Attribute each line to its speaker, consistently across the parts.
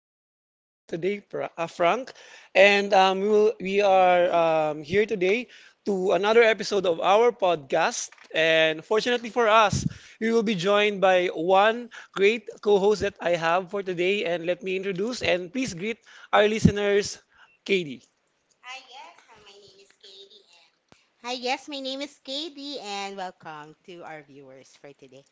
Speaker 1: will be your host for today, Frank, and we are here today to another episode of our podcast. And fortunately for us, we will be joined by one great co-host that I have for today. And let me introduce and please greet our listeners, Katie.
Speaker 2: Hi, yes, my name is Katie, and welcome to our viewers for today.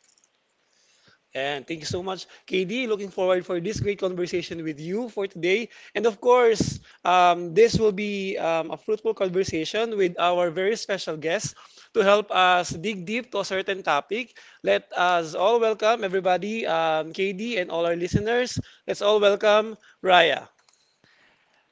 Speaker 1: And thank you so much, KD. Looking forward for this great conversation with you for today. And of course, this will be a fruitful conversation with our very special guest to help us dig deep to a certain topic. Let us all welcome everybody, KD, and all our listeners. Let's all welcome Raya.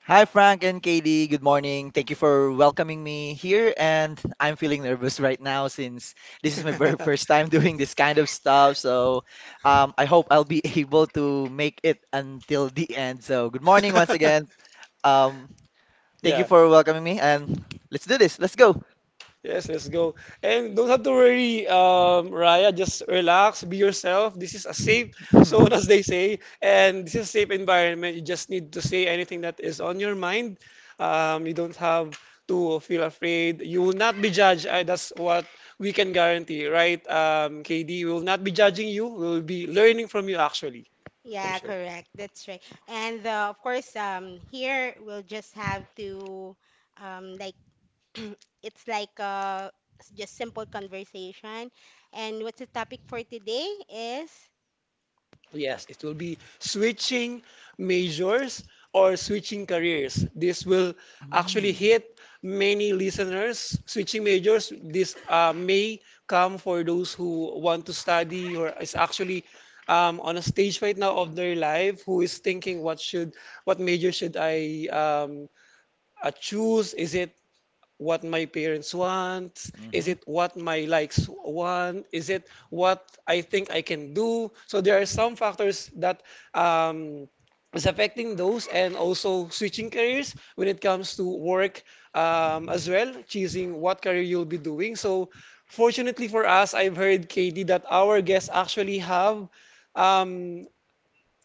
Speaker 3: Hi, Frank and Katie. Good morning. Thank you for welcoming me here. And I'm feeling nervous right now since this is my very first time doing this kind of stuff. So I hope I'll be able to make it until the end. So good morning once again. Um, Thank you
Speaker 1: Yeah.
Speaker 3: for welcoming me. And let's do this. Let's go.
Speaker 1: Yes, let's go. And don't have to worry, Raya. Just relax, be yourself. This is a safe zone, as they say, and this is a safe environment. You just need to say anything that is on your mind. You don't have to feel afraid. You will not be judged. That's what we can guarantee, right? KD, we will not be judging you. We will be learning from you, actually. I'm
Speaker 2: Yeah,
Speaker 1: sure.
Speaker 2: correct. That's right. And of course, here we'll just have to, um, like, it's like a just simple conversation. And what's the topic for today is?
Speaker 1: Yes, it will be switching majors or switching careers. This will actually hit many listeners. Switching majors, this may come for those who want to study or is actually on a stage right now of their life, who is thinking what major should I choose? Is it what my parents want? Is
Speaker 3: Mm-hmm.
Speaker 1: it what my likes want? Is it what I think I can do? So there are
Speaker 2: Mm,
Speaker 1: some factors that um, is affecting those, and also switching careers when it comes to work as well, choosing what career you'll be doing. So fortunately for us, I've heard, Katie, that our guests actually have um,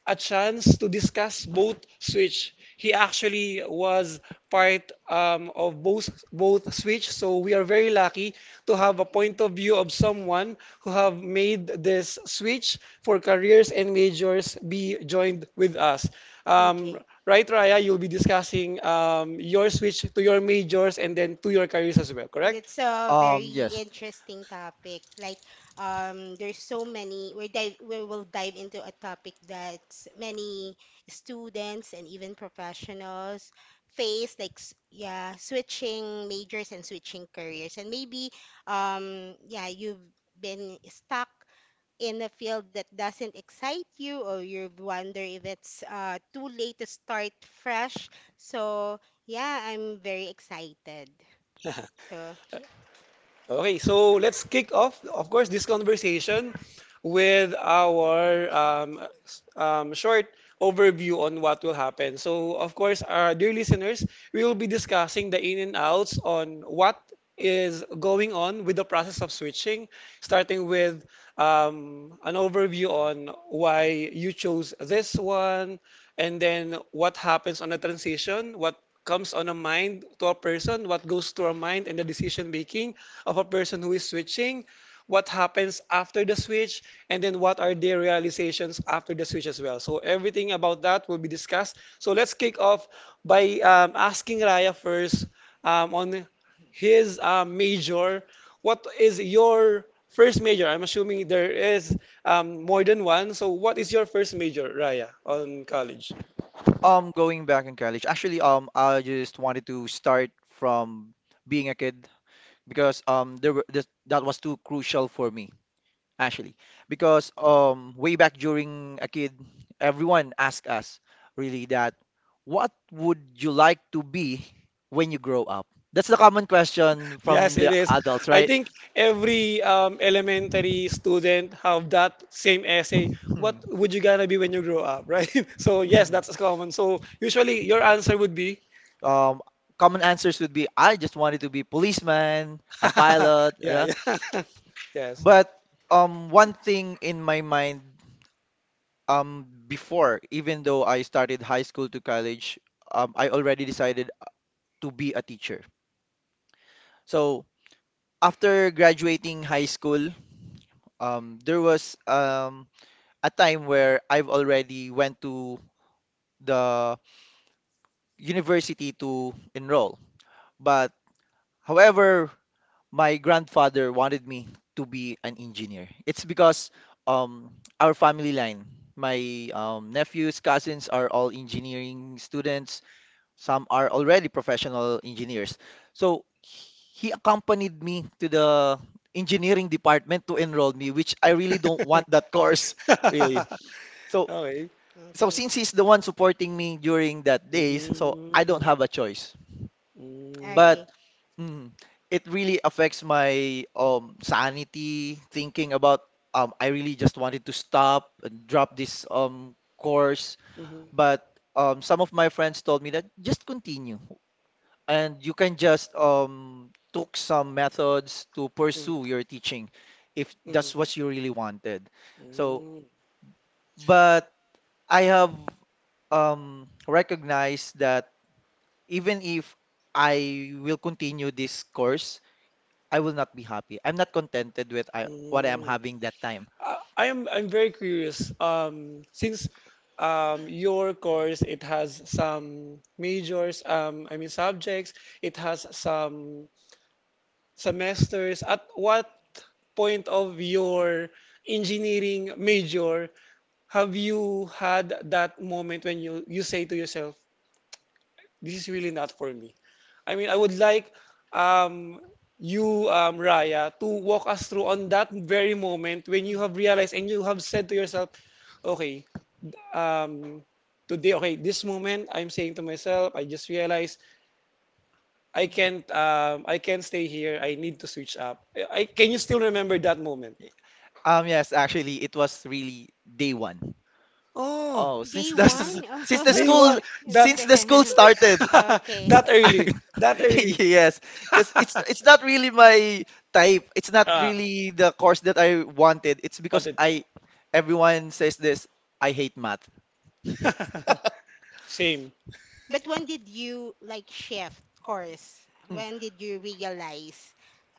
Speaker 1: a chance to discuss both Switch. He actually was part of both Switch, so we are very lucky to have a point of view of someone who have made this switch for careers and majors be joined with us. Um,
Speaker 2: Okay.
Speaker 1: right, Raya, you'll be discussing your switch to your majors and then to your careers as well, correct?
Speaker 2: That's a very
Speaker 3: Yes.
Speaker 2: interesting topic. There's so many. We will dive into a topic that many students and even professionals face. Yeah, switching majors and switching careers, and yeah, you've been stuck in a field that doesn't excite you, or you wonder if it's too late to start fresh. So, yeah, I'm very excited. So.
Speaker 1: Okay, so let's kick off, of course, this conversation with our short overview on what will happen. So, of course, our dear listeners, we will be discussing the in and outs on what is going on with the process of switching, starting with an overview on why you chose this one, and then what happens on the transition, what comes on a mind to a person, what goes to a mind in the decision making of a person who is switching, what happens after the switch, and then what are their realizations after the switch as well. So everything about that will be discussed. So let's kick off by asking Raya first on his major. What is your first major? I'm assuming there is more than one. So what is your first major, Raya, on college?
Speaker 3: Going back in college, actually, I just wanted to start from being a kid. Because there were this, that was too crucial for me actually because way back during a kid, everyone asked us really that, what would you like to be when you grow up? That's the common question from
Speaker 1: Yes, it
Speaker 3: the
Speaker 1: is.
Speaker 3: adults,
Speaker 1: I
Speaker 3: right?
Speaker 1: think every elementary student have that same essay. What
Speaker 3: Hmm.
Speaker 1: would you gonna be when you grow up, right? So yes,
Speaker 3: Mhm.
Speaker 1: that's common. So usually your answer would be,
Speaker 3: um, Common answers would be, I just wanted to be policeman, a pilot,
Speaker 1: yeah,
Speaker 3: uh,
Speaker 1: yeah, yes.
Speaker 3: but um one thing in my mind, before even though I started high school to college, I already decided to be a teacher. So after graduating high school, there was a time where I've already went to the university to enroll, but however, my grandfather wanted me to be an engineer. It's because um our family line, my nephews, cousins are all engineering students. Some are already professional engineers. So he accompanied me to the engineering department to enroll me, which I really don't want that course, really. So
Speaker 1: Okay.
Speaker 3: so
Speaker 2: Okay.
Speaker 3: since he's the one supporting me during that days, so I don't
Speaker 1: Mm,
Speaker 3: have a choice.
Speaker 1: mm,
Speaker 3: But
Speaker 2: Okay.
Speaker 3: mm, it really affects my sanity, thinking about, I really just wanted to stop and drop this course,
Speaker 1: mhm.
Speaker 3: but some of my friends told me that just continue, and you can just took some methods to
Speaker 1: Mm.
Speaker 3: pursue your teaching if
Speaker 1: Mm.
Speaker 3: that's what you really wanted. So,
Speaker 1: Mm.
Speaker 3: but I have recognized that even if I will continue this course, I will not be happy. I'm not contented with what I am
Speaker 1: Mm.
Speaker 3: having that time.
Speaker 1: I, I am I'm very curious. Since your course, it has some majors, I mean subjects, it has some semesters. At what point of your engineering major have you had that moment when you say to yourself, this is really not for me. I mean, I would like um, you, Raya, to walk us through on that very moment when you
Speaker 2: Mhm.
Speaker 1: have realized and you have said to yourself, okay, um, today, okay, this moment, I'm saying to myself, I just realized I can't stay here. I need to switch up. I can you still remember
Speaker 2: Mhm.
Speaker 1: that moment?
Speaker 3: Yes, actually, it was really day one.
Speaker 1: Oh,
Speaker 3: Oh, since
Speaker 2: Day
Speaker 3: the s-
Speaker 2: one?
Speaker 3: since the
Speaker 1: day
Speaker 3: school
Speaker 1: one, that
Speaker 3: since the school
Speaker 2: The-
Speaker 3: started.
Speaker 2: Okay.
Speaker 1: that early, that early.
Speaker 3: Yes, because it's not really my type. It's not
Speaker 1: Ah.
Speaker 3: really the course that I wanted. It's because
Speaker 1: Wanted.
Speaker 3: I everyone says this, I hate math.
Speaker 1: Same
Speaker 2: But when did you like shift course?
Speaker 3: Mm.
Speaker 2: When did you realize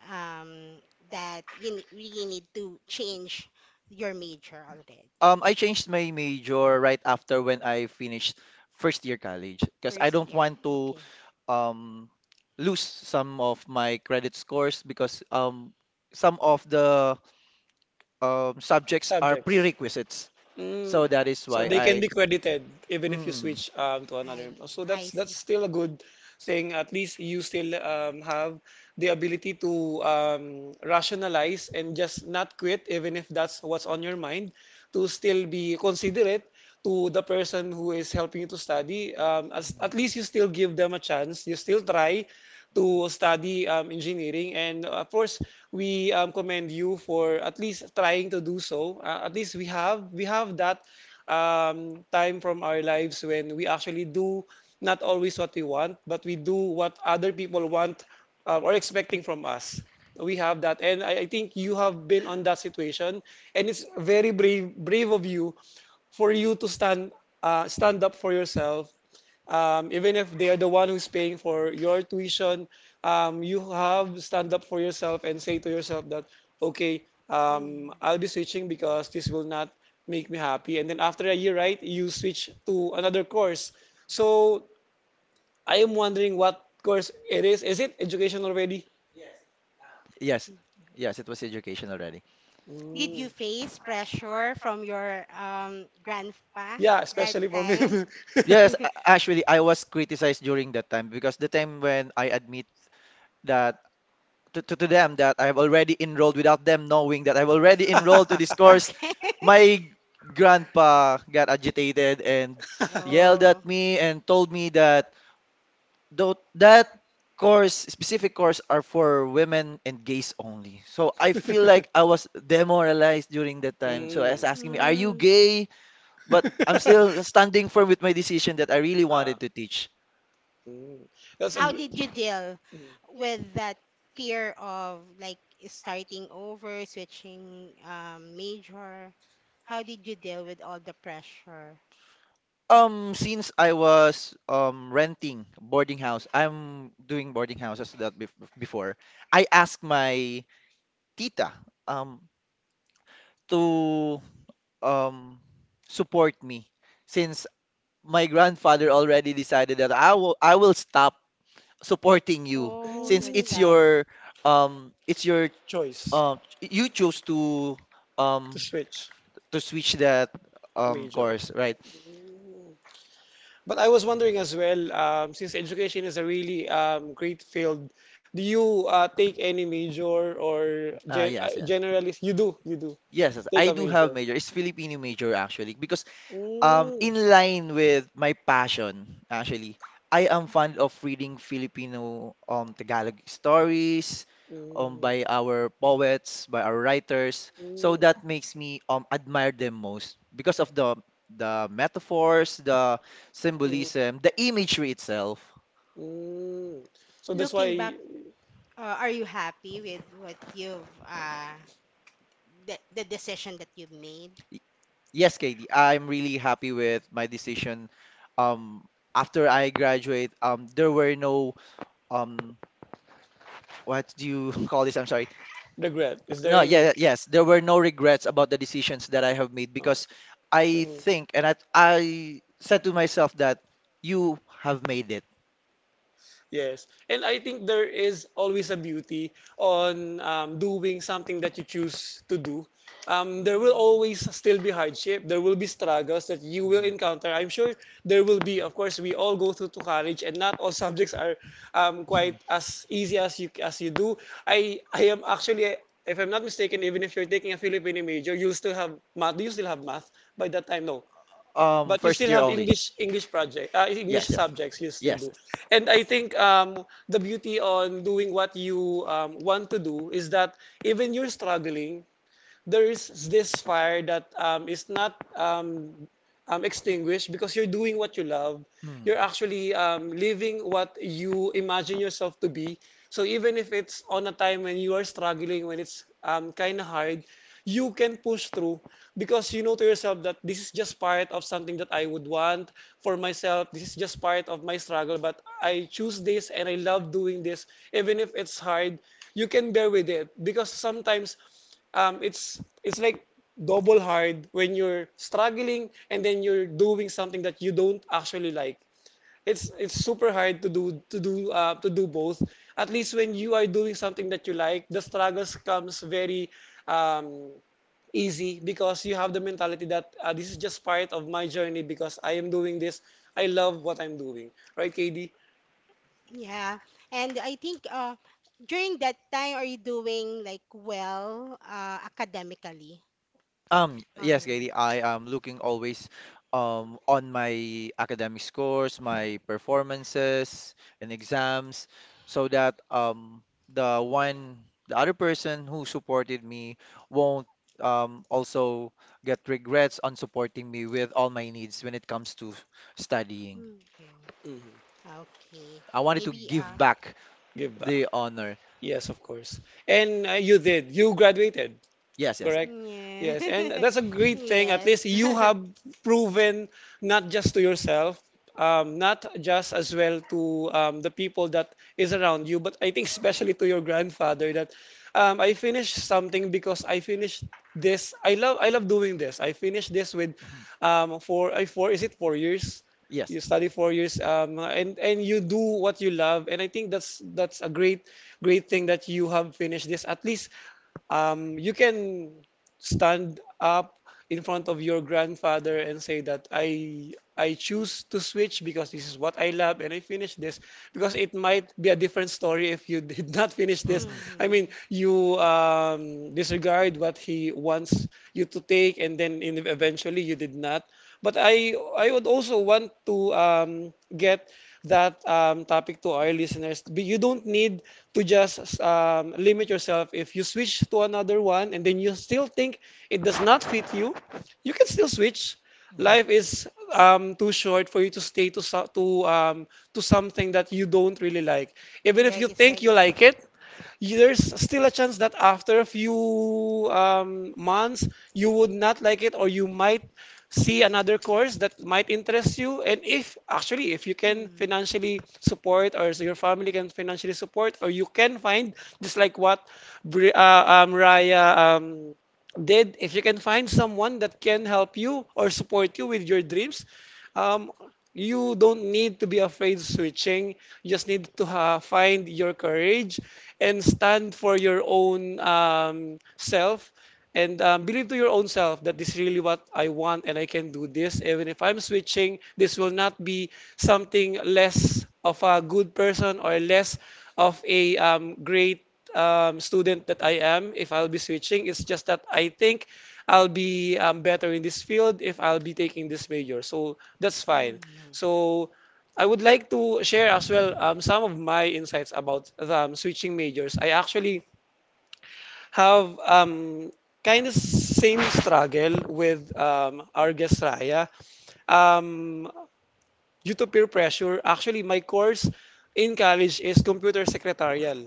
Speaker 2: um, that you really need to change your major already?
Speaker 3: I changed my major right after when I finished first year college, because I
Speaker 2: First
Speaker 3: don't
Speaker 2: year.
Speaker 3: want to
Speaker 2: Okay.
Speaker 3: um lose some of my credit scores because some of the subjects are
Speaker 1: subjects.
Speaker 3: prerequisites.
Speaker 1: Mm.
Speaker 3: So that is why
Speaker 1: So they
Speaker 2: Okay.
Speaker 1: can
Speaker 3: I—
Speaker 1: be credited even if you
Speaker 3: mm, mm.
Speaker 1: switch to
Speaker 2: I
Speaker 1: another. So
Speaker 2: I
Speaker 1: that's
Speaker 2: see.
Speaker 1: that's still a good thing. At least you still have the ability to rationalize and just not quit, even if that's what's on your mind, to still be considerate to the person who is helping you to study. At least you still give them a chance. You still try to study engineering, and of course, we commend you for at least trying to do so. At least we have that time from our lives when we actually do not always what we want, but we do what other people want or expecting from us. We have that, and I think you have been on that situation, and it's very brave of you for you to stand stand up for yourself even if they are the one who's paying for your tuition, you have stand up for yourself and say to yourself that, okay,
Speaker 2: Mm.
Speaker 1: I'll be switching because this will not make me happy. And then after a year, right, you switch to another course. So I am wondering what course it is. Is it education already?
Speaker 3: Yes,
Speaker 2: Mm.
Speaker 3: yes, it was education already.
Speaker 2: Did you
Speaker 1: Mm.
Speaker 2: face pressure from your grandpa
Speaker 1: Yeah,
Speaker 2: that
Speaker 1: especially from
Speaker 2: time?
Speaker 1: him.
Speaker 3: Yes, actually, I was criticized during that time, because the time when I admit that to them that I've already enrolled, without them knowing that I've already enrolled to this course,
Speaker 2: Okay.
Speaker 3: my grandpa got agitated and yelled at
Speaker 2: Oh.
Speaker 3: me and told me that, though that course, specific course are for women and gays only. So I feel like I was demoralized during that time. So I
Speaker 1: mm.
Speaker 3: was asking me, "Are you
Speaker 2: Mm.
Speaker 3: gay?" But I'm still standing firm with my decision that I really
Speaker 1: Ah,
Speaker 3: wanted to teach.
Speaker 1: mm. That's a
Speaker 2: How
Speaker 1: good
Speaker 2: did you deal
Speaker 1: mm.
Speaker 2: with that fear of like starting over, switching major? How did you deal with all the pressure?
Speaker 3: Since I was renting boarding house, I'm doing boarding houses that before. I asked my tita um to um support me, since my grandfather already decided that I will stop supporting you,
Speaker 2: Oh,
Speaker 3: since
Speaker 2: that's
Speaker 1: Mm.
Speaker 2: sad.
Speaker 3: it's your
Speaker 1: choice
Speaker 3: you chose
Speaker 1: to
Speaker 3: um
Speaker 1: switch
Speaker 3: to switch that
Speaker 1: major.
Speaker 3: course, right?
Speaker 1: Mm. But I was wondering as well, since education is a really great field, do you take any major or
Speaker 3: Ah, yes, yes.
Speaker 1: generalist? You do
Speaker 3: Yes, yes,
Speaker 1: take
Speaker 3: I
Speaker 1: a
Speaker 3: do have
Speaker 1: major.
Speaker 3: major. It's Filipino major, actually, because in
Speaker 1: Mm.
Speaker 3: line with my passion actually, I am fond of reading Filipino Tagalog stories
Speaker 1: Mm.
Speaker 3: by our poets, by our writers. So
Speaker 1: Mm.
Speaker 3: that makes me admire them most because of the metaphors, the
Speaker 1: Mhm.
Speaker 3: symbolism, the imagery itself.
Speaker 1: Mm. So that's
Speaker 2: Looking back,
Speaker 1: why
Speaker 2: are you happy with what you've the decision that you've made?
Speaker 3: Y- Yes, KD, I'm really happy with my decision. Um after I graduate, there were no um what do you call this? I'm sorry.
Speaker 1: regret. Is there
Speaker 3: No, yeah,
Speaker 1: any?
Speaker 3: yeah, yes, there were no regrets about the decisions that I have made, because I
Speaker 1: Oh.
Speaker 3: think and I said to myself that you have made it.
Speaker 1: Yes. And I think there is always a beauty on doing something that you choose to do. There will
Speaker 2: Mm.
Speaker 1: always still be hardship. There will be struggles that you will encounter. I'm sure there will be. Of course, we all go through to college, and not all subjects are quite
Speaker 3: Mhm.
Speaker 1: as easy as you do. I am actually, if I'm not mistaken, even if you're taking a Filipino major, you'll still have math. Do you still have math by that time? No, but you
Speaker 3: First
Speaker 1: still
Speaker 3: year
Speaker 1: have
Speaker 3: only.
Speaker 1: English
Speaker 3: Yes, yes,
Speaker 1: subjects you still
Speaker 3: yes,
Speaker 1: do, and I think the beauty on doing what you want to do is that even you're struggling, there is this fire that is not extinguished because you're doing what you love. You're
Speaker 3: yes.
Speaker 1: actually living what you imagine yourself to be. So even if it's on a time when you are struggling, when it's kind of hard, you can push through because you know to yourself that this is just part of something that I would want for myself. This is just part of my struggle, but I choose this and I love doing this. Even if it's hard, you can bear with it because sometimes it's like double hard when you're struggling and then you're doing something that you don't actually like. It's super hard to do to do to do both. At least when you are doing something that you like, the struggles comes very um, easy because you have the mentality that this is just part of my journey because I am doing this. I love what I'm doing, right, KD?
Speaker 2: Yeah. And I think during that time are you doing like well academically?
Speaker 3: Yes,
Speaker 2: Alright.
Speaker 3: Katie, I am looking always on my academic scores, my performances and exams, so that um, the other person who supported me won't also get regrets on supporting me with all my needs when it comes to studying.
Speaker 2: Okay.
Speaker 1: Hmm.
Speaker 2: Okay.
Speaker 3: I wanted to
Speaker 2: Maybe
Speaker 3: give back
Speaker 1: Give back.
Speaker 3: the honor.
Speaker 1: Yes, of course. And you did. You graduated.
Speaker 3: Yes, yes.
Speaker 1: Correct?
Speaker 2: yeah.
Speaker 1: Yes, and that's a great thing. At
Speaker 2: Yes.
Speaker 1: least you have proven not just to yourself, not just as well to the people that is around you, but I think especially to your grandfather that I finished something because I finished this. I love doing this. I finished this with
Speaker 3: Mhm.
Speaker 1: four, is it 4 years?
Speaker 3: Yes.
Speaker 1: You study 4 years, and you do what you love, and I think that's a great thing that you have finished this. At least you can stand up in front of your grandfather and say that I choose to switch because this is what I love and I finish this, because it might be a different story if you did not finish this.
Speaker 3: Mm-hmm.
Speaker 1: I mean,
Speaker 2: Hmm.
Speaker 1: you disregard what he wants you to take, and eventually you did not. But I would also want to get that topic to our listeners. But you don't need to just limit yourself. If you switch to another one and then you still think it does not fit you, you can still switch. Life is too short for you to to something that you don't really like. Even if
Speaker 2: That
Speaker 1: you
Speaker 2: is
Speaker 1: think
Speaker 2: right.
Speaker 1: you like it, there's still a chance that after a few months you would not like it, or you might see another course that might interest you. And if actually if you can
Speaker 2: Mm.
Speaker 1: financially support, or so your family can financially support, or you can find just like what Raya did. If you can find someone that can help you or support you with your dreams, um, you don't need to be afraid of switching. You just need to ha find your courage and stand for your own self and believe to your own self that this is really what I want and I can do this. Even if I'm switching, this will not be something less of a good person or less of a great student that I am if I'll be switching. It's just that I think I'll be better in this field if I'll be taking this major. So that's fine.
Speaker 2: Mm.
Speaker 1: So I would like to share as well some of my insights about switching majors. I actually have kind of same struggle with our guest Raya. Um, due to peer pressure, actually my course in college is computer secretarial.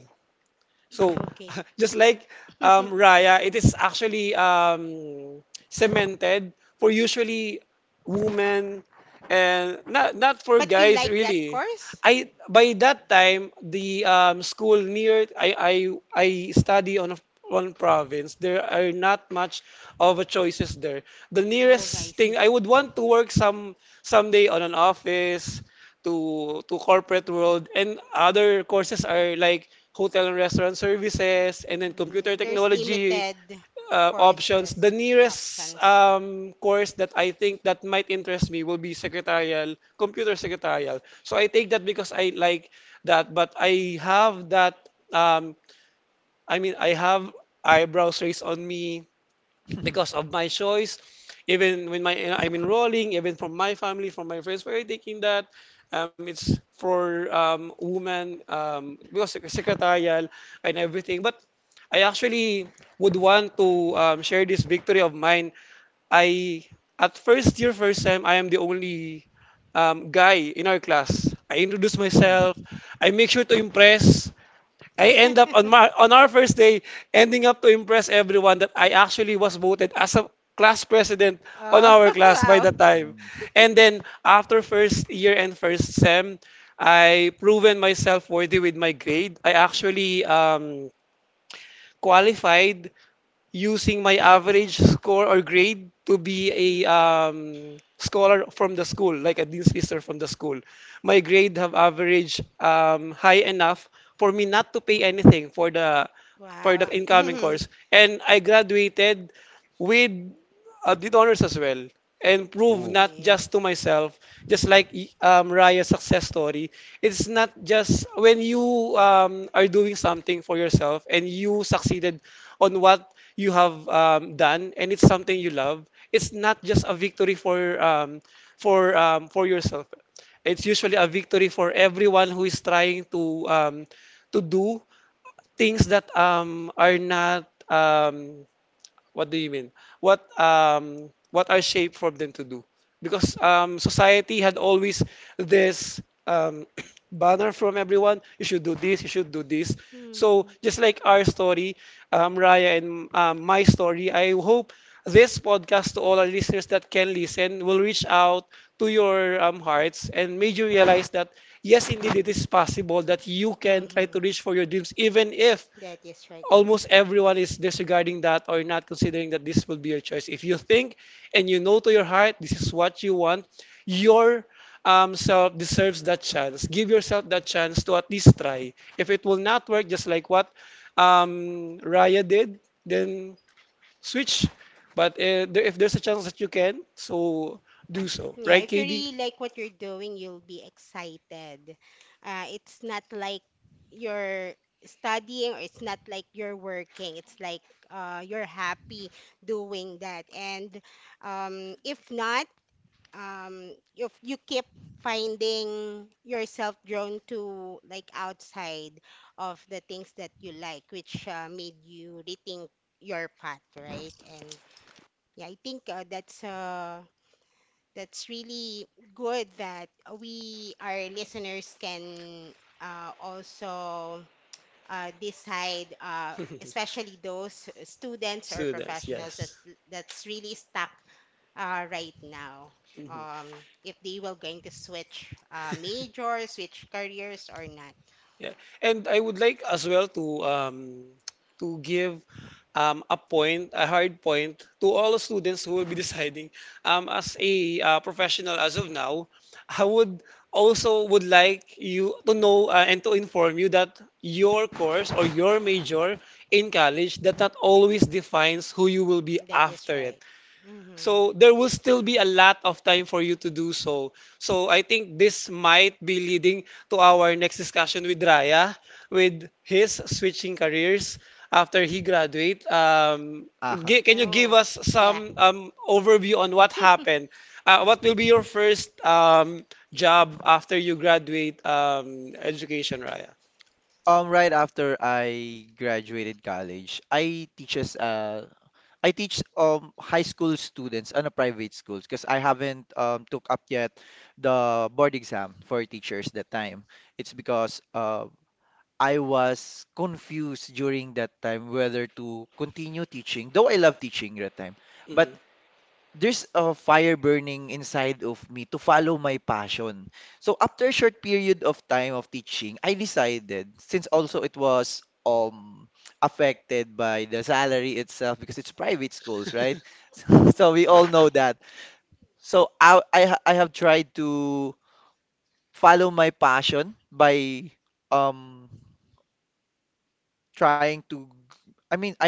Speaker 1: So,
Speaker 2: Okay.
Speaker 1: just like Raya, it is actually cemented for usually women and not for
Speaker 2: But you
Speaker 1: guys
Speaker 2: like that
Speaker 1: really.
Speaker 2: course?
Speaker 1: I by that time the school near I study on a one province. There are not much of a choices there. The
Speaker 2: Oh, I
Speaker 1: nearest
Speaker 2: see.
Speaker 1: thing I would want to work some someday on an office to corporate world, and other courses are like hotel and restaurant services and then computer
Speaker 2: Mm, there's
Speaker 1: technology
Speaker 2: limited
Speaker 1: options.
Speaker 2: courses
Speaker 1: The nearest
Speaker 2: options.
Speaker 1: course that I think that might interest me will be secretarial, computer secretarial, so I take that because I like that. But I have that I have eyebrows raised on me because of my choice. Even when my I'm enrolling, even from my family, from my friends, we're taking that. It's for women because secretarial and everything. But I actually would want to share this victory of mine. I at first year, first time I am the only guy in our class. I introduce myself. I make sure to impress. I end up on my on our first day ending up to impress everyone, that I actually was voted as a class president on
Speaker 2: Oh,
Speaker 1: our class by
Speaker 2: wow.
Speaker 1: the time. And then after first year and first sem, I proven myself worthy with my grade. I actually qualified using my average score or grade to be a
Speaker 2: Mm,
Speaker 1: scholar from the school, like a dean's lister from the school. My grade have average high enough for me not to pay anything for the
Speaker 2: wow.
Speaker 1: incoming course, and I graduated with did honors as well, and prove
Speaker 3: Ooh.
Speaker 1: not
Speaker 2: Okay.
Speaker 1: just to myself, just like Raya's success story, it's not just when you are doing something for yourself and you succeeded on what you have done, and it's something you love. It's not just a victory for for yourself. It's usually a victory for everyone who is trying to do things that are not what do you mean? What what are shaped for them to do? Because society had always this um banner from everyone, you should do this, you should do this. So
Speaker 2: Hmm.
Speaker 1: just like our story, Raya and my story, I hope this podcast to all our listeners that can listen will reach out to your hearts and made you realize that yes, indeed, it is possible that you can try to
Speaker 2: Mm-hmm.
Speaker 1: reach for your dreams even if
Speaker 2: That is right.
Speaker 1: almost everyone is disregarding that or not considering that this will be your choice. If you think and you know to your heart this is what you want, your self deserves that chance. Give yourself that chance to at least try. If it will not work, just like what Raya did, then switch. But if there's a chance that you can, so do so.
Speaker 2: Yeah,
Speaker 1: Right,
Speaker 2: if you really
Speaker 1: KD?
Speaker 2: like what you're doing, you'll be excited. It's not like you're studying or it's not like you're working. It's like you're happy doing that. And If not, you keep finding yourself drawn to like outside of the things that you like, which made you rethink your path, right? And yeah, I think that's really good that we our listeners can also decide, especially those students or
Speaker 1: Students,
Speaker 2: professionals that
Speaker 1: yes.
Speaker 2: that's really stuck right now.
Speaker 1: Mhm.
Speaker 2: If they were going to switch major, switch careers or not.
Speaker 1: Yeah. And I would like as well to give a point, a hard point to all the students who will be deciding. As a professional as of now, I would also would like you to know and to inform you that your course or your major in college that not always defines who you will be
Speaker 2: That is
Speaker 1: after it.
Speaker 2: right. Mm-hmm.
Speaker 1: So there will still be a lot of time for you to do so. So I think this might be leading to our next discussion with Raya, with his switching careers after he graduate. Can you give
Speaker 2: Oh,
Speaker 1: us
Speaker 2: yeah.
Speaker 1: some overview on what happened? What will be your first job after you graduate education, Raya?
Speaker 3: Right after I graduated college, I teaches I teach high school students on a private schools, because I haven't took up yet the board exam for teachers that time. It's because I was confused during that time whether to continue teaching, though I love teaching that time, but
Speaker 1: Mm-hmm.
Speaker 3: there's a fire burning inside of me to follow my passion. So after a short period of time of teaching, I decided, since also it was affected by the salary itself, because it's private schools, right? So so we all know that. So I have tried to follow my passion by um trying to I mean I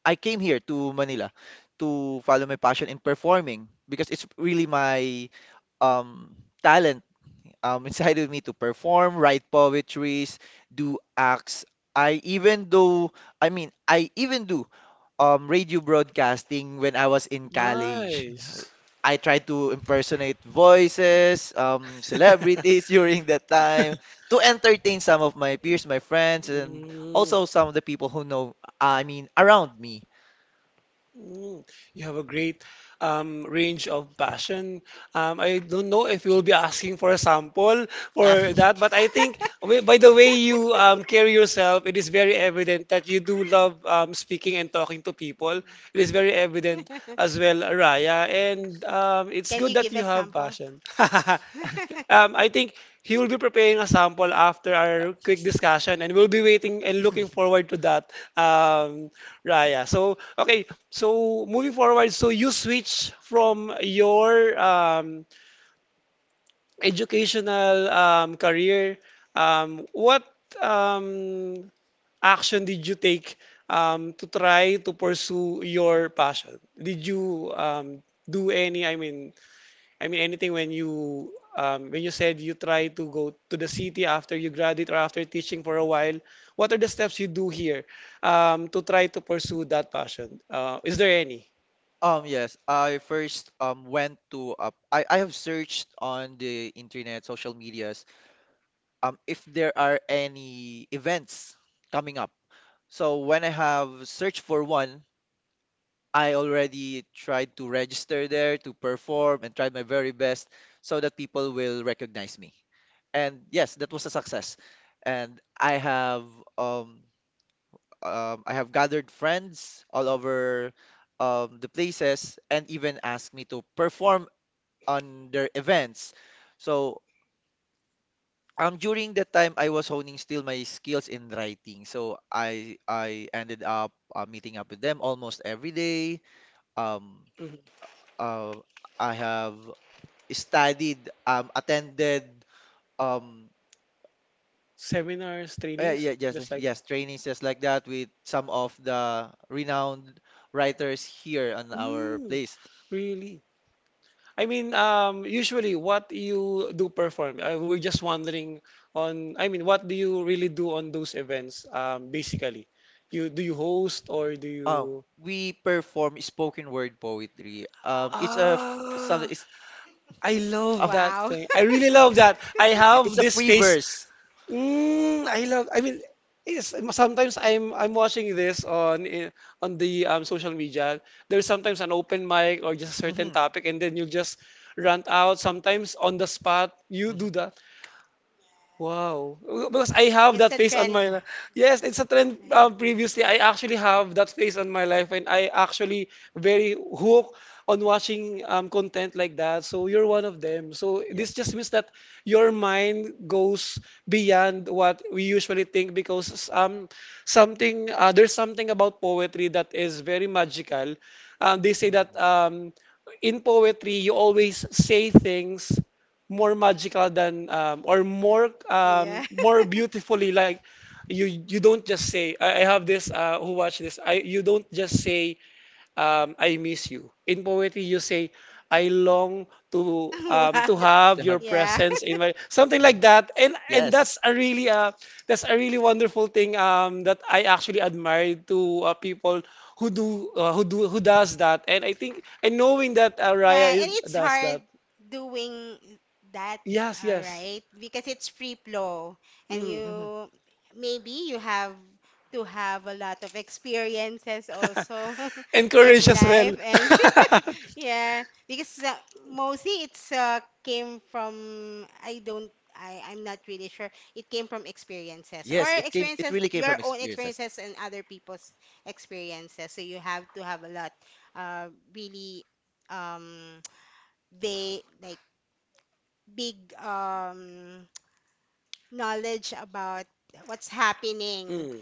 Speaker 3: I came here to Manila to follow my passion in performing, because it's really my um, talent inside of me to perform, write poetries, do acts. I even do I even do radio broadcasting when I was in college.
Speaker 1: Nice.
Speaker 3: I tried to impersonate voices, celebrities during that time to entertain some of my peers, my friends, and
Speaker 1: Mm.
Speaker 3: also some of the people who know, around me.
Speaker 1: Mm, you have a great range of passion. I don't know if you'll be asking for a sample for that, but I think by the way you carry yourself, it is very evident that you do love speaking and talking to people. It is very evident as well, Raya, and it's good that you have
Speaker 2: Sample?
Speaker 1: passion. I think he will be preparing a sample after our quick discussion, and we'll be waiting and looking forward to that, um, Raya. So, okay, so moving forward, so you switch from your educational career. What um, action did you take to try to pursue your passion? Did you do any, I mean anything when you said you try to go to the city after you graduate or after teaching for a while, what are the steps you do here to try to pursue that passion? Is there any?
Speaker 3: Yes, I first went to I have searched on the internet, social medias, if there are any events coming up. So when I have searched for one, I already tried to register there to perform and tried my very best so that people will recognize me. And yes, that was a success. And um, I have gathered friends all over the places and even asked me to perform on their events. So during that time I was honing still my skills in writing. So I ended up meeting up with them almost every day. Um
Speaker 1: Mhm.
Speaker 3: uh, I have studied attended um
Speaker 1: Seminars,
Speaker 3: yeah,
Speaker 1: trainings,
Speaker 3: yeah, yes,
Speaker 1: just like
Speaker 3: yes, trainings just like that with some of the renowned writers here on our
Speaker 1: mm,
Speaker 3: place.
Speaker 1: really? I mean, usually what you do perform, I, we're just wondering on, I mean, what do you really do on those events, basically? You do you host or do
Speaker 3: Um
Speaker 1: you?
Speaker 3: we perform spoken word poetry. Um,
Speaker 1: Ah,
Speaker 3: it's
Speaker 1: I
Speaker 3: a
Speaker 1: love
Speaker 3: f-
Speaker 1: that
Speaker 2: Wow.
Speaker 1: thing. I really love that. I have
Speaker 3: it's a
Speaker 1: this
Speaker 3: free
Speaker 1: face.
Speaker 3: verse.
Speaker 1: Mm, I love. I mean, yes. Sometimes I'm watching this on on the social media. There's sometimes an open mic or just a certain
Speaker 3: Hmm.
Speaker 1: topic, and then you just rant out. Sometimes on the spot, you
Speaker 3: Hmm.
Speaker 1: do that. Wow. Because I have that face on my yes, it's a trend previously. I actually have that face on my life, and I actually very hooked on watching content like that. So you're one of them. So this
Speaker 3: Yes.
Speaker 1: just means that your mind goes beyond what we usually think, because something there's something about poetry that is very magical. They say that
Speaker 3: Mhm.
Speaker 1: in poetry you always say things more magical than or more more beautifully. Like you don't just say I have this who watch this I you don't just say I miss you. In poetry you say I long
Speaker 2: to Wow. like to have
Speaker 1: to have
Speaker 3: They
Speaker 1: your
Speaker 3: have.
Speaker 1: presence in my something like
Speaker 3: Mhm.
Speaker 1: that. And
Speaker 3: Yes.
Speaker 1: that's a really That's a really wonderful thing that I actually admire to people who do who does that. And I think, and knowing that Raya
Speaker 2: Yeah, and
Speaker 1: is,
Speaker 2: it's
Speaker 1: does
Speaker 2: hard
Speaker 1: that.
Speaker 2: doing that,
Speaker 1: Yes,
Speaker 2: all
Speaker 1: yes.
Speaker 2: right? Because it's free flow and
Speaker 1: Mm.
Speaker 3: Hmm.
Speaker 2: you maybe you have to have a lot of experiences also
Speaker 1: Encourage
Speaker 2: in
Speaker 1: as well.
Speaker 2: life. And yeah, because mostly it's came from, I don't I I'm not really sure. It came from experiences or
Speaker 3: Yes. It came. It
Speaker 2: experiences
Speaker 3: really came
Speaker 2: your
Speaker 3: from
Speaker 2: own
Speaker 3: experiences.
Speaker 2: experiences and other people's experiences. So you have to have a lot uh really um they like big knowledge about what's happening.
Speaker 1: Mm.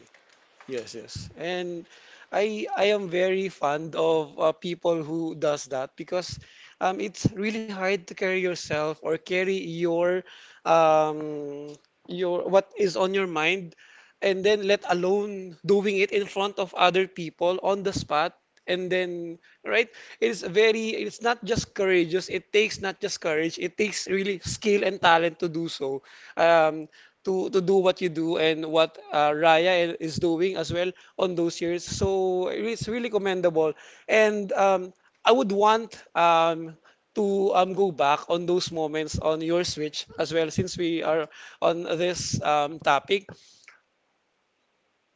Speaker 1: Yes, yes. And I am very fond of people who does that, because it's really hard to carry yourself or carry um your what is on your mind, and then let alone doing it in front of other people on the spot. And then right, it's very, it's not just courageous, it takes not just courage, it takes really skill and talent to do so, um to do what you do and what Raya is doing as well on those years. So it's really commendable. And I would want to go back on those moments on your Switch as well, since we are on this topic.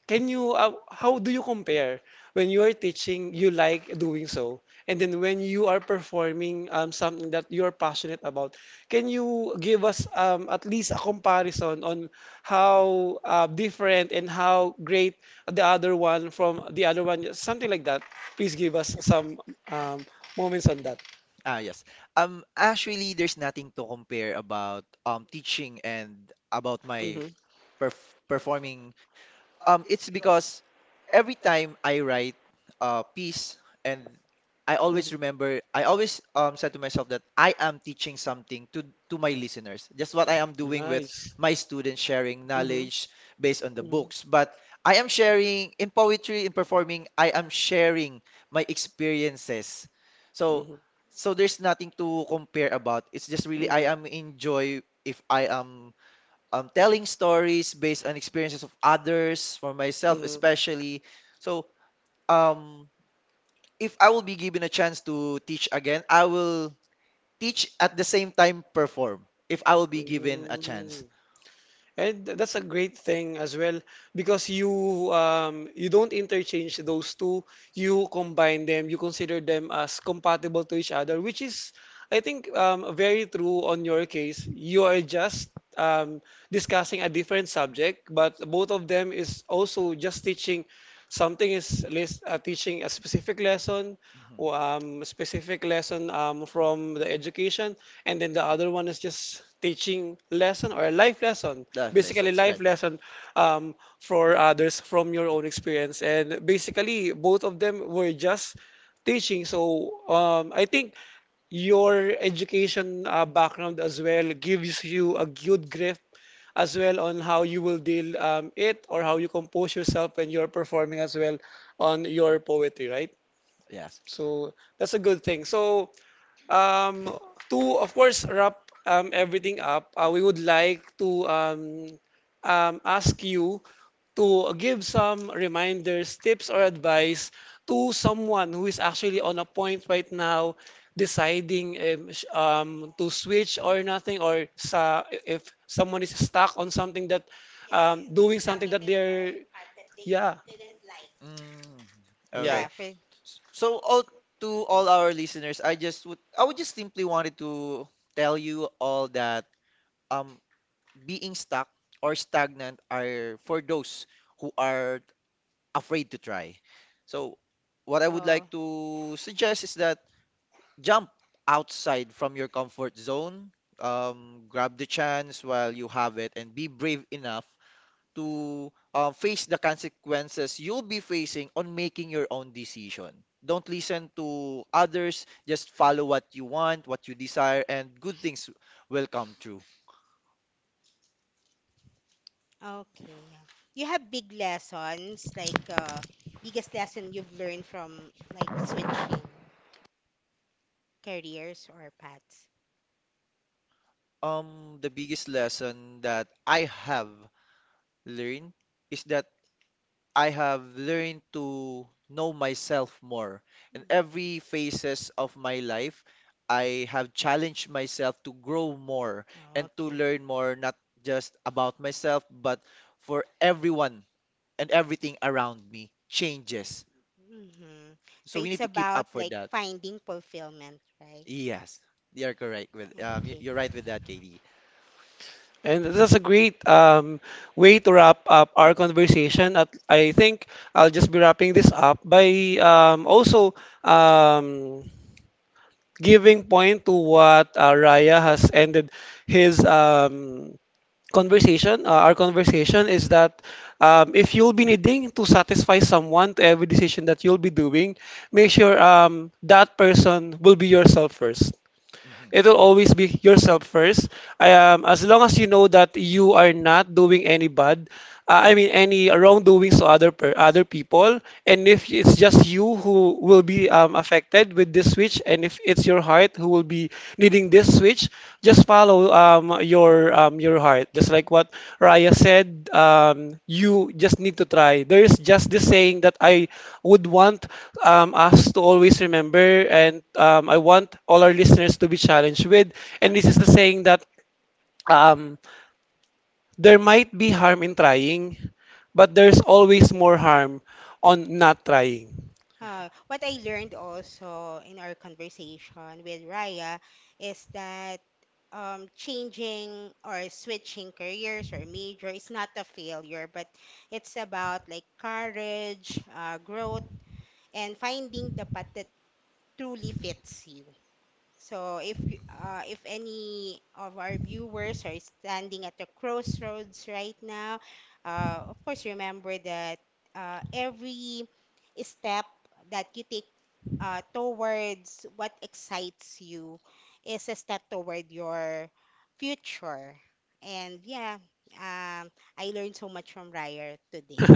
Speaker 1: Can you, how do you compare when you are teaching, you like doing so, and then when you are performing something that you are passionate about, can you give us at least a comparison on how different and how great the other one from the other one, something like that? Please give us some um, moments on that.
Speaker 3: Ah, yes. Actually, there's nothing to compare about teaching and about my
Speaker 1: Mm-hmm.
Speaker 3: perf performing. It's because every time I write a piece and I always remember I always said to myself that I am teaching something to my listeners. Just what I am doing with my students, sharing knowledge based on the books. But I am sharing in poetry, in performing, I am sharing my experiences. So so there's nothing to compare about. It's just really I am enjoy if I am telling stories based on experiences of others, for myself especially. So, um, if I will be given a chance to teach again, I will teach at the same time perform. If I will be given a chance.
Speaker 1: And that's a great thing as well, because you you don't interchange those two. You combine them. You consider them as compatible to each other, which is, I think, very true on your case. You are just discussing a different subject, but both of them is also just teaching something is teaching a specific lesson,
Speaker 3: Mhm.
Speaker 1: or, specific lesson from the education, and then the other one is just teaching lesson or a life lesson
Speaker 3: Life
Speaker 1: basically
Speaker 3: lessons,
Speaker 1: life
Speaker 3: right?
Speaker 1: lesson for others from your own experience and basically both of them were just teaching so I think your education background as well gives you a good grip as well on how you will deal it or how you compose yourself when you're performing as well on your poetry, right?
Speaker 3: Yes.
Speaker 1: So that's a good thing. So um, to, of course, wrap everything up, we would like to ask you to give some reminders, tips, or advice to someone who is actually on a point right now deciding to switch or nothing, or sa if someone is stuck on something that doing something that they're, yeah,
Speaker 3: Mm, okay.
Speaker 1: yeah.
Speaker 2: Yeah, for
Speaker 3: So all to all our listeners, I would just simply wanted to tell you all that um being stuck or stagnant are for those who are afraid to try. So, what I would
Speaker 2: Oh.
Speaker 3: like to suggest is that jump outside from your comfort zone, grab the chance while you have it, and be brave enough to face the consequences you'll be facing on making your own decision. Don't listen to others, just follow what you want, what you desire, and good things will come true.
Speaker 2: Okay, yeah. You have big lessons, like, biggest lesson you've learned from like switching careers or paths.
Speaker 3: The biggest lesson that I have learned is that I have learned to know myself more. In
Speaker 2: Okay.
Speaker 3: every phases of my life, I have challenged myself to grow more and to
Speaker 2: Okay.
Speaker 3: learn more, not just about myself, but for everyone and everything around me changes.
Speaker 2: Mm-hmm. So
Speaker 3: So we
Speaker 2: it's
Speaker 3: need to keep
Speaker 2: about
Speaker 3: up for
Speaker 2: like
Speaker 3: that.
Speaker 2: finding fulfillment, right?
Speaker 3: Yes, you're correct with
Speaker 2: Okay.
Speaker 3: you're right with that, KD.
Speaker 1: And that's a great way to wrap up our conversation. At, I think I'll just be wrapping this up by also um, giving point to what Raya has ended his conversation. Our conversation is that if you'll be needing to satisfy someone to every decision that you'll be doing, make sure that person will be yourself first,
Speaker 3: Mhm.
Speaker 1: it'll always be yourself first. I As long as you know that you are not doing any bad, I mean any wrongdoings to other people, and if it's just you who will be affected with this switch, and if it's your heart who will be needing this switch, just follow your your heart. Just like what Raya said, you just need to try. There is just this saying that I would want us to always remember, and I want all our listeners to be challenged with. And this is the saying that um, there might be harm in trying, but there's always more harm on not trying.
Speaker 2: What I learned also in our conversation with Raya is that changing or switching careers or major is not a failure, but it's about like courage, growth, and finding the path that truly fits you. So if any of our viewers are standing at the crossroads right now, of course remember that every step that you take towards what excites you is a step toward your future. And yeah, um, I learned so much from Ryer today.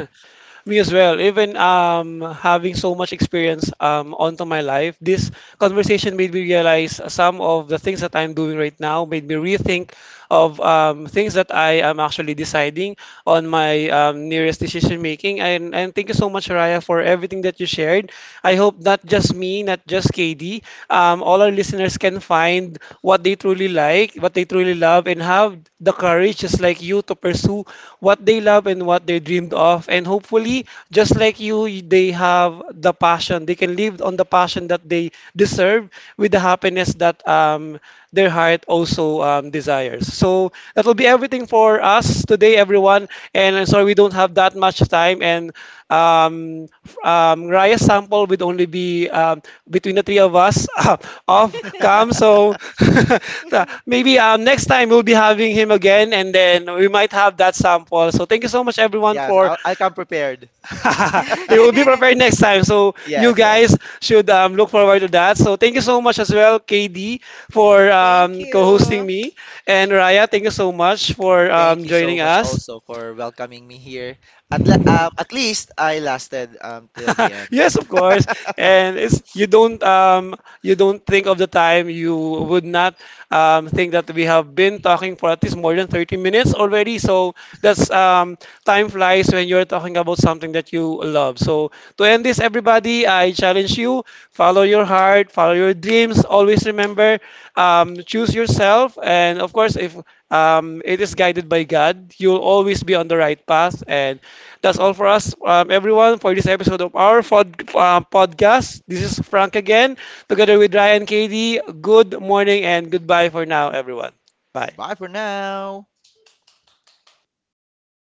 Speaker 1: Me as well, even having so much experience onto my life, this conversation made me realize some of the things that I'm doing right now, made me rethink of things that I am actually deciding on my nearest decision making. And thank you so much, Raya, for everything that you shared. I hope not just me, not just KD, all our listeners can find what they truly like, what they truly love, and have the courage, just like you, to pursue what they love and what they dreamed of. And hopefully, just like you, they have the passion. They can live on the passion that they deserve with the happiness that their heart also desires. So that will be everything for us today, everyone. And I'm sorry we don't have that much time. And Raya's sample would only be between the three of us off cam. So so maybe next time we'll be having him again, and then we might have that sample. So thank you so much, everyone,
Speaker 3: Yes,
Speaker 1: for
Speaker 3: I'll come prepared.
Speaker 1: it will be prepared next time. So you
Speaker 3: Yes,
Speaker 1: guys
Speaker 3: yes.
Speaker 1: should look forward to that. So thank you so much as well, KD, for
Speaker 2: Thank
Speaker 1: co-hosting
Speaker 2: you.
Speaker 1: me. And Raya, thank you so much for
Speaker 3: Thank you so
Speaker 1: joining
Speaker 3: much
Speaker 1: us.
Speaker 3: also for welcoming me here. At at least I lasted until the end.
Speaker 1: Yes, of course. And it's you don't think of the time. You would not think that we have been talking for at least more than 30 minutes already. So that's time flies when you're talking about something that you love. So to end this, everybody, I challenge you, follow your heart, follow your dreams. Always remember, choose yourself. And of course, if it is guided by God, you'll always be on the right path. And that's all for us,
Speaker 3: Perfect.
Speaker 1: everyone, for this episode of our podcast. This is Frank again, together with Ryan KD. Good morning and goodbye for now, everyone. Bye.
Speaker 3: Bye for now.